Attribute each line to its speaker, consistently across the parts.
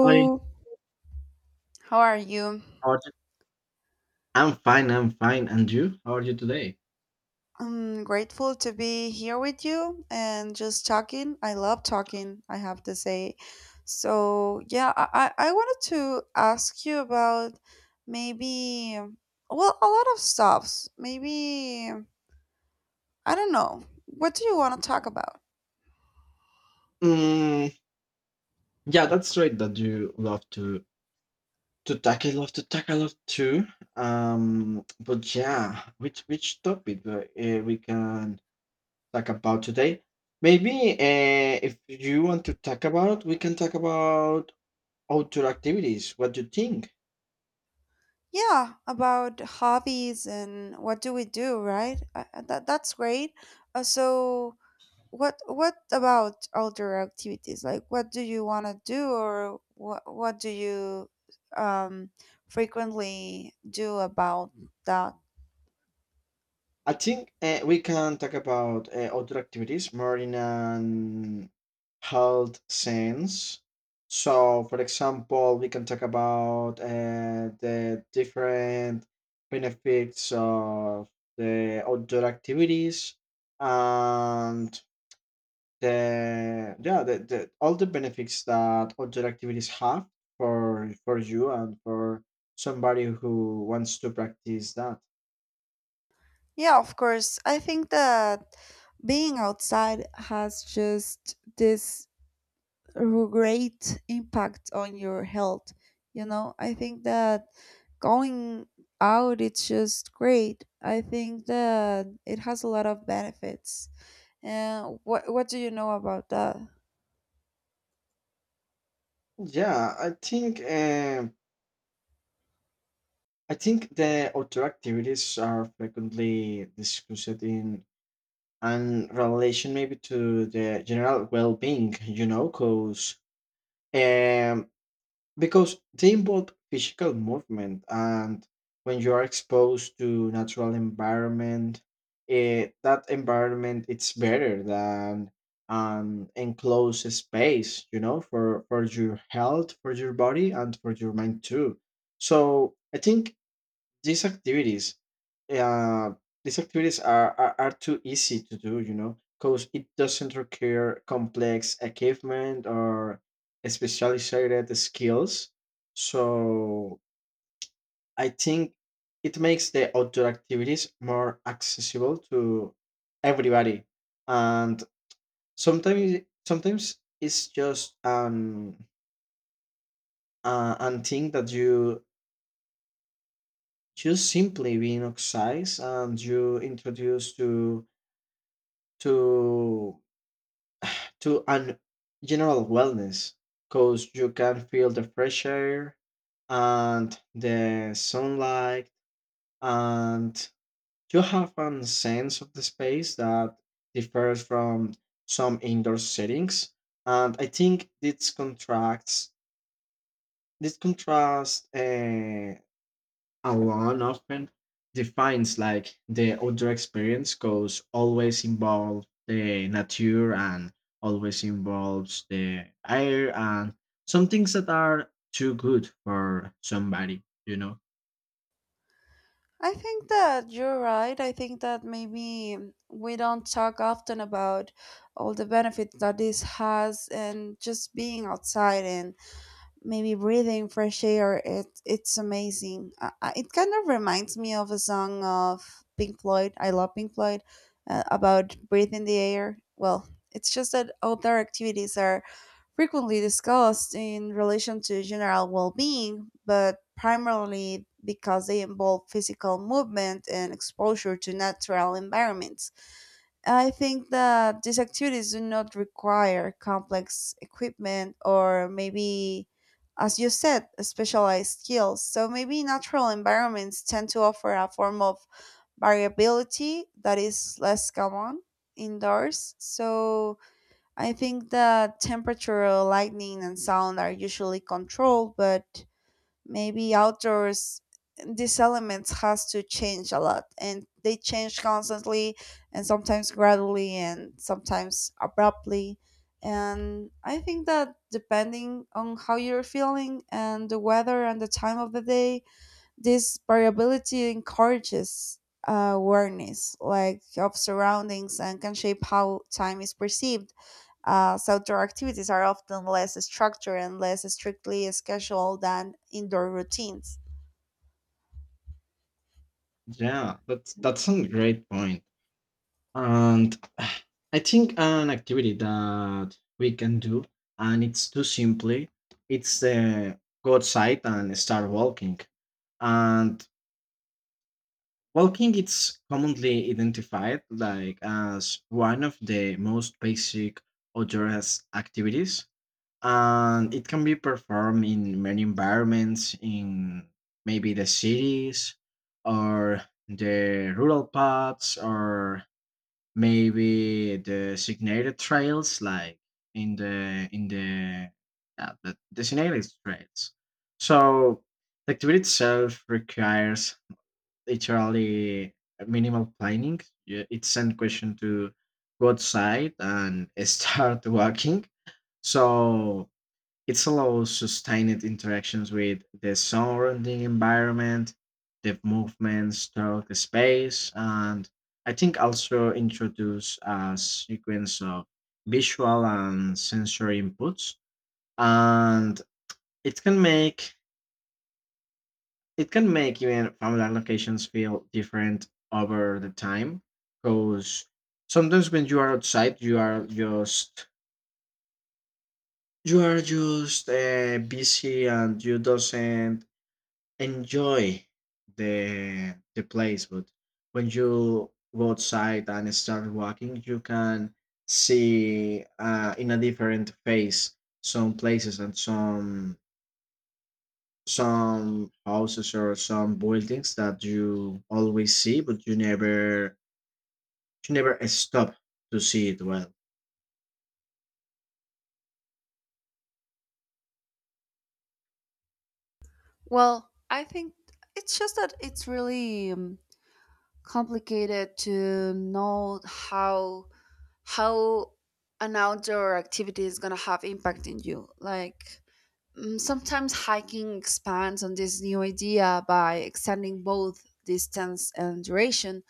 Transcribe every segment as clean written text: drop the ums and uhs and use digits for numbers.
Speaker 1: Hi,
Speaker 2: how are you?
Speaker 1: how are you? I'm fine, I'm fine. And you? How are you today?
Speaker 2: I'm grateful to be here with you and just talking. I love talking, I have to say. So, yeah, I wanted to ask you about maybe, well, a lot of stuffs. Maybe, I don't know. What do you want to talk about?
Speaker 1: Mm, yeah, that's right that you love to tackle lot too. But yeah, which topic we can talk about today? Maybe if you want to talk about, we can talk about outdoor activities. What do you think?
Speaker 2: Yeah, about hobbies and what do we do, right? That's great. So, what about outdoor activities? Like what do you want to do or what do you um frequently do about that?
Speaker 1: I think we can talk about outdoor activities more in an health sense. So, for example, we can talk about the different benefits of the outdoor activities and the all the benefits that outdoor activities have for you and for somebody who wants to practice that.
Speaker 2: Yeah, of course. I think that being outside has just this great impact on your health, you know? I think that going out it's just great. I think that it has a lot of benefits. And what do you know about that?
Speaker 1: Yeah, I think. I think the outdoor activities are frequently discussed in and relation maybe to the general well-being, you know, cause um because they involve physical movement and when you are exposed to natural environment, that environment it's better than an enclosed space, you know, for your health, for your body, and for your mind too. So I think these activities uh, these activities are too easy to do, you know, because it doesn't require complex equipment or specialized skills. So I think it makes the outdoor activities more accessible to everybody. And sometimes sometimes it's just an thing that you just simply being outside and you introduce to to an general wellness, because you can feel the fresh air and the sunlight, and you have a sense of the space that differs from some indoor settings. And I think this contrast alone often defines like the outdoor experience, because always involves the nature and always involves the air and some things that are too good for somebody, you know.
Speaker 2: I think that you're right. I think that maybe we don't talk often about all the benefits that this has, and just being outside and maybe breathing fresh air it's amazing. It kind of reminds me of a song of Pink Floyd. I love Pink Floyd, about breathing the air. Well, it's just that outdoor activities are frequently discussed in relation to general well-being, but primarily because they involve physical movement and exposure to natural environments. I think that these activities do not require complex equipment or, maybe, as you said, specialized skills. So maybe natural environments tend to offer a form of variability that is less common indoors. So I think that temperature, lightning, and sound are usually controlled, but maybe outdoors these elements has to change a lot, and they change constantly, and sometimes gradually and sometimes abruptly. And I think that depending on how you're feeling and the weather and the time of the day, this variability encourages awareness like of surroundings and can shape how time is perceived. Uh, outdoor activities are often less structured and less strictly scheduled than indoor routines.
Speaker 1: Yeah, that's a great point. And I think an activity that we can do and it's too simply, it's go outside and start walking. And walking is commonly identified like as one of the most basic outdoors activities, and it can be performed in many environments, in maybe the cities, or the rural paths, or maybe the designated trails, like in the in the yeah, the designated trails. So the activity itself requires literally minimal planning. Yeah, it's send question to go outside and start walking. So it allows sustained interactions with the surrounding environment, the movements throughout the space, and I think also introduce a sequence of visual and sensory inputs. And it can make it can make even familiar locations feel different over the time, because sometimes when you are outside you are just busy and you doesn't enjoy the place. But when you go outside and start walking, you can see in a different face some places and some houses or some buildings that you always see but you never stop to see it well.
Speaker 2: Well, I think it's just that it's really complicated to know how an outdoor activity is gonna have impact in you. Like, sometimes hiking expands on this new idea by extending both distance and duration,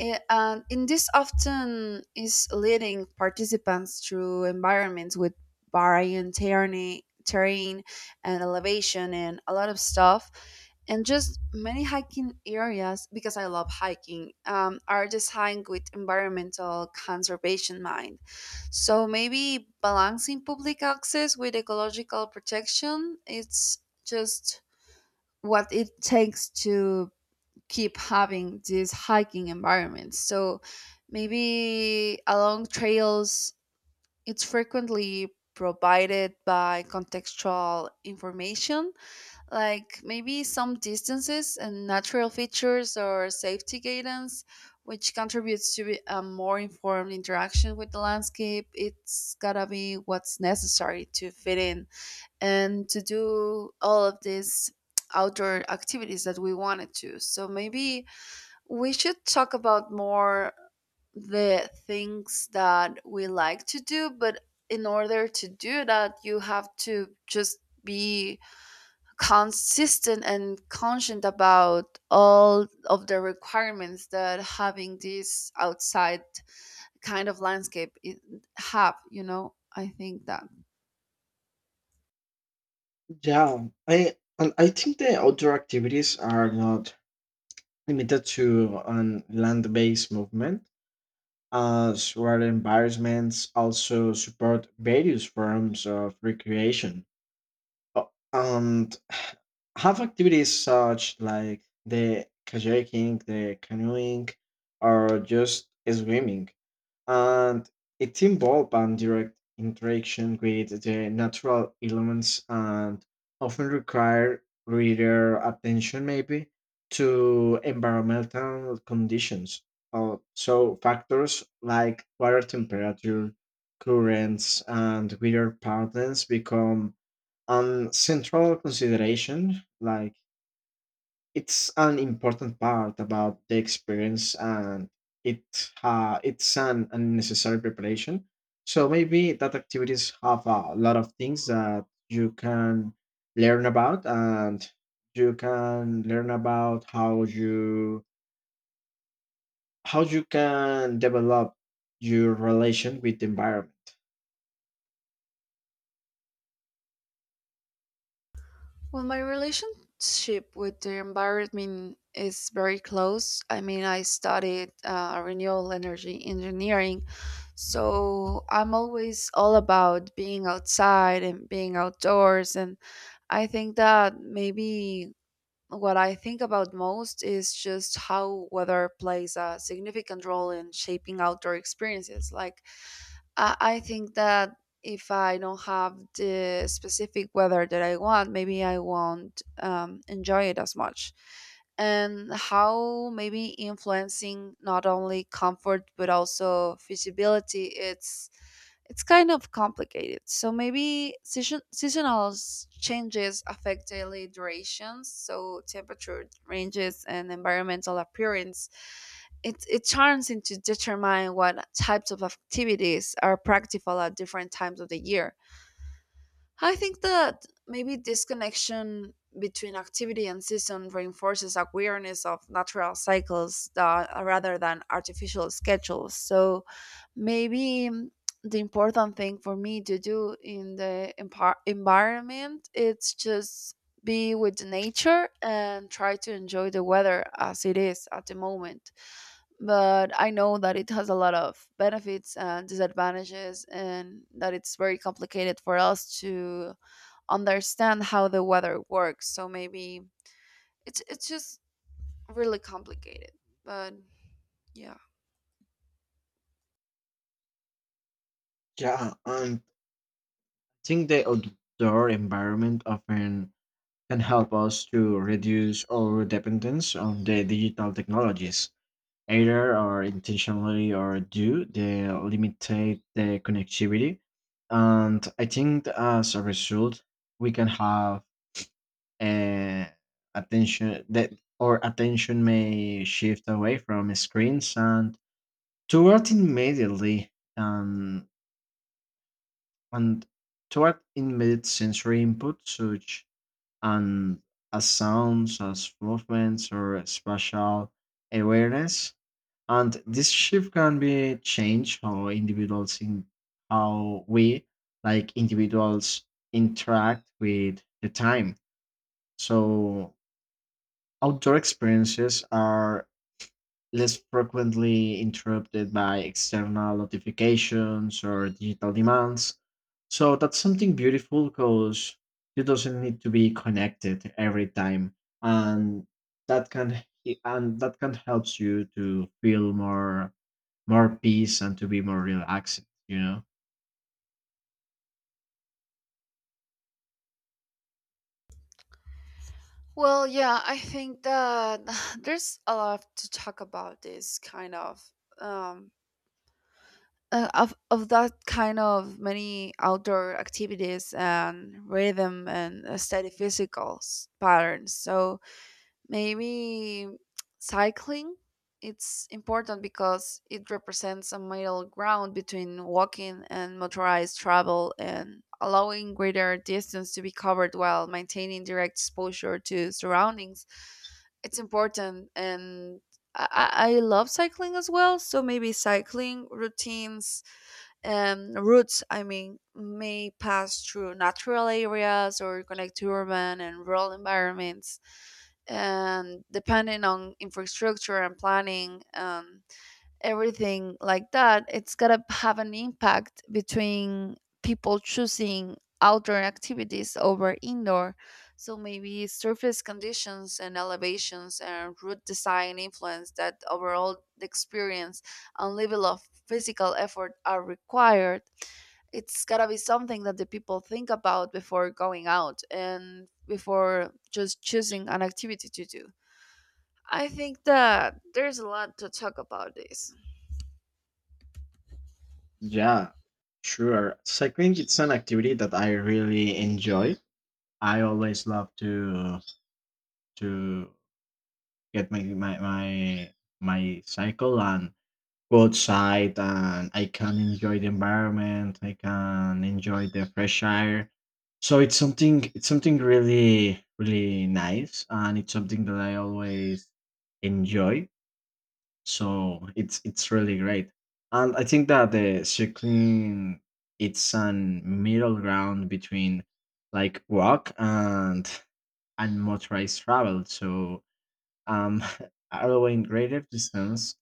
Speaker 2: and in this often is leading participants through environments with varying terrain and elevation and a lot of stuff. And just many hiking areas, because I love hiking, are designed with environmental conservation mind. So maybe balancing public access with ecological protection it's just what it takes to keep having these hiking environments. So maybe along trails, it's frequently provided by contextual information, like maybe some distances and natural features or safety guidance, which contributes to a more informed interaction with the landscape. It's gotta be what's necessary to fit in and to do all of these outdoor activities that we wanted to. So maybe we should talk about more the things that we like to do, but in order to do that, you have to just be consistent and conscient about all of the requirements that having this outside kind of landscape have, you know? I think that.
Speaker 1: Yeah, I and I think the outdoor activities are not limited to an land-based movement, as rural environments also support various forms of recreation, uh, and have activities such like the kayaking, the canoeing, or just swimming. And it involves direct interaction with the natural elements and often require greater attention maybe to environmental conditions. So factors like water temperature, currents, and weather patterns become a central consideration, like it's an important part about the experience, and it it's an unnecessary preparation. So maybe that activities have a lot of things that you can learn about, and you can learn about how you can develop your relation with the environment.
Speaker 2: Well, my relationship with the environment is very close. I mean, I studied renewable energy engineering, so I'm always all about being outside and being outdoors. And I think that maybe what I think about most is just how weather plays a significant role in shaping outdoor experiences. Like, I think that if I don't have the specific weather that I want, maybe I won't enjoy it as much. And how maybe influencing not only comfort but also feasibility, it's kind of complicated. So maybe changes affect daily durations, so temperature ranges and environmental appearance it turns into determine what types of activities are practical at different times of the year. I think that maybe this connection between activity and season reinforces awareness of natural cycles that, rather than artificial schedules. So maybe the important thing for me to do in the environment it's just be with nature and try to enjoy the weather as it is at the moment, but I know that it has a lot of benefits and disadvantages, and that it's very complicated for us to understand how the weather works. So maybe it's just really complicated. But yeah.
Speaker 1: Yeah, and I think the outdoor environment often can help us to reduce our dependence on the digital technologies, either or intentionally or due they limitate the connectivity. And I think that as a result, we can have a attention that our attention may shift away from screens and toward immediately um, and toward immediate sensory input such and as sounds, as movements, or spatial awareness. And this shift can be changed how individuals in how we like individuals interact with the time. So outdoor experiences are less frequently interrupted by external notifications or digital demands, so that's something beautiful, because you doesn't need to be connected every time, and that can helps you to feel more peace and to be more relaxed. You know.
Speaker 2: Well, yeah, I think that there's a lot to talk about this kind of um of that kind of many outdoor activities and rhythm and steady physical patterns. So maybe cycling. It's important because it represents a middle ground between walking and motorized travel, and allowing greater distance to be covered while maintaining direct exposure to surroundings. It's important, and I love cycling as well, so maybe cycling routines routes, I mean, may pass through natural areas or connect to urban and rural environments. And depending on infrastructure and planning, everything like that, it's gotta have an impact between people choosing outdoor activities over indoor. So maybe surface conditions and elevations and route design influence that overall the experience and level of physical effort are required. It's gotta be something that the people think about before going out and before just choosing an activity to do. I think that there's a lot to talk about this.
Speaker 1: Yeah, sure. Cycling it's an activity that I really enjoy. I always love to get my cycle and go outside, and I can enjoy the environment. I can enjoy the fresh air. So it's something really really nice, and it's something that I always enjoy. So it's really great. And I think that the cycling it's an middle ground between like walk and motorized travel. So um allowing greater distance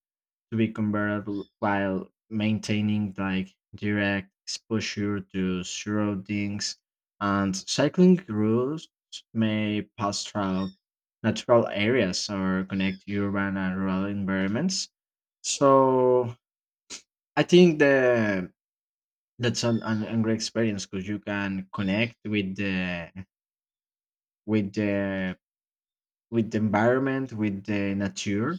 Speaker 1: to be comparable while maintaining like direct exposure to surroundings, and cycling routes may pass through natural areas or connect urban and rural environments. So I think the that's an great experience because you can connect with the with the with the environment, with the nature.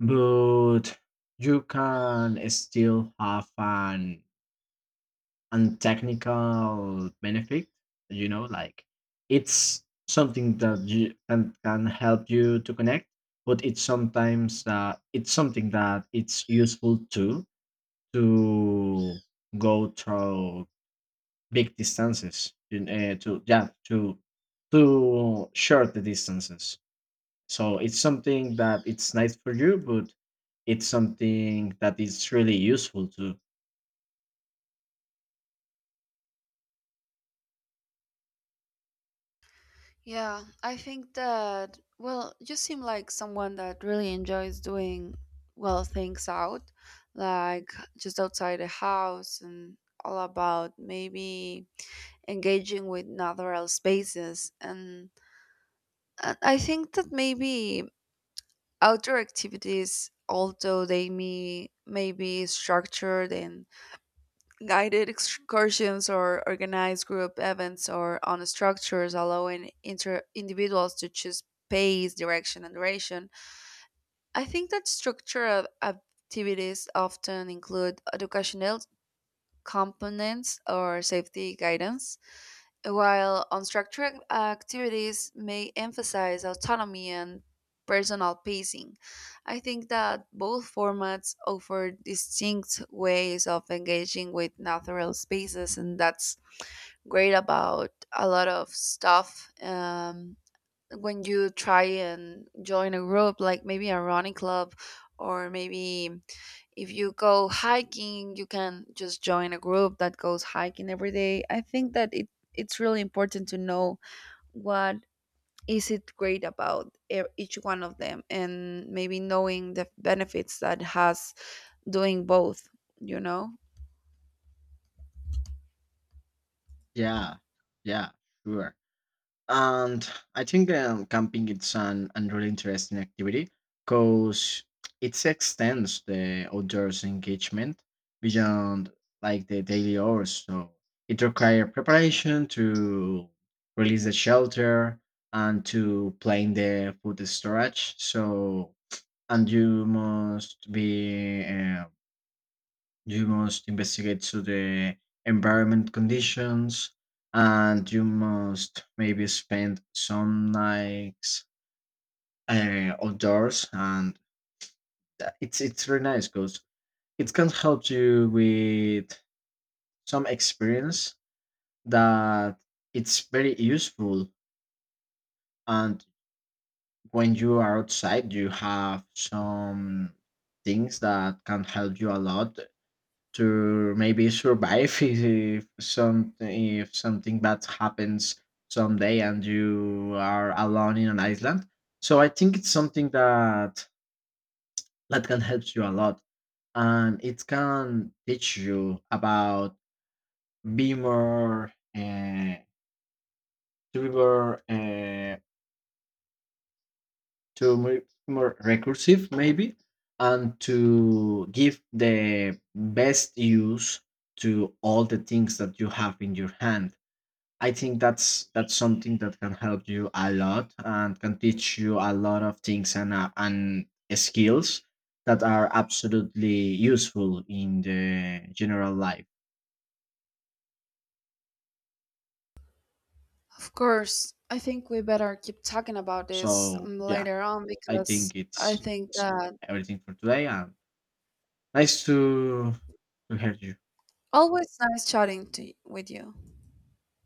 Speaker 1: But you can still have fun and technical benefit, you know. Like it's something that you can help you to connect, but it's sometimes it's something that it's useful too to go through big distances in, to short the distances. So it's something that it's nice for you, but it's something that is really useful too.
Speaker 2: Yeah, I think that, well, you seem like someone that really enjoys doing, well, things out, like just outside the house, and all about maybe engaging with natural spaces. And I think that maybe outdoor activities, although may be structured, and guided excursions or organized group events or on structures allowing individuals to choose pace, direction, and duration. I think that structured activities often include educational components or safety guidance, while unstructured activities may emphasize autonomy and personal pacing. I think that both formats offer distinct ways of engaging with natural spaces, and that's great about a lot of stuff. When you try and join a group, like maybe a running club, or maybe if you go hiking, you can just join a group that goes hiking every day. I think that it's really important to know what is it great about each one of them, and maybe knowing the benefits that has doing both, you know.
Speaker 1: Yeah, yeah, sure. And I think camping it's an really interesting activity, because it extends the outdoors engagement beyond like the daily hours. So it requires preparation to release the shelter and to plan the food storage. So and you must be you must investigate to the environment conditions, and you must maybe spend some nights outdoors. And it's really nice because it can help you with some experience that it's very useful. And when you are outside, you have some things that can help you a lot to maybe survive if some if something bad happens someday and you are alone in an island. So I think it's something that can help you a lot, and it can teach you about be more to be more to more, more recursive maybe, and to give the best use to all the things that you have in your hand. I think that's something that can help you a lot and can teach you a lot of things, and skills that are absolutely useful in the general life.
Speaker 2: Of course, I think we better keep talking about this
Speaker 1: So yeah,
Speaker 2: later on,
Speaker 1: I
Speaker 2: because
Speaker 1: think
Speaker 2: I think
Speaker 1: it's
Speaker 2: that.
Speaker 1: everything for today, and nice to hear you.
Speaker 2: Always nice chatting with you.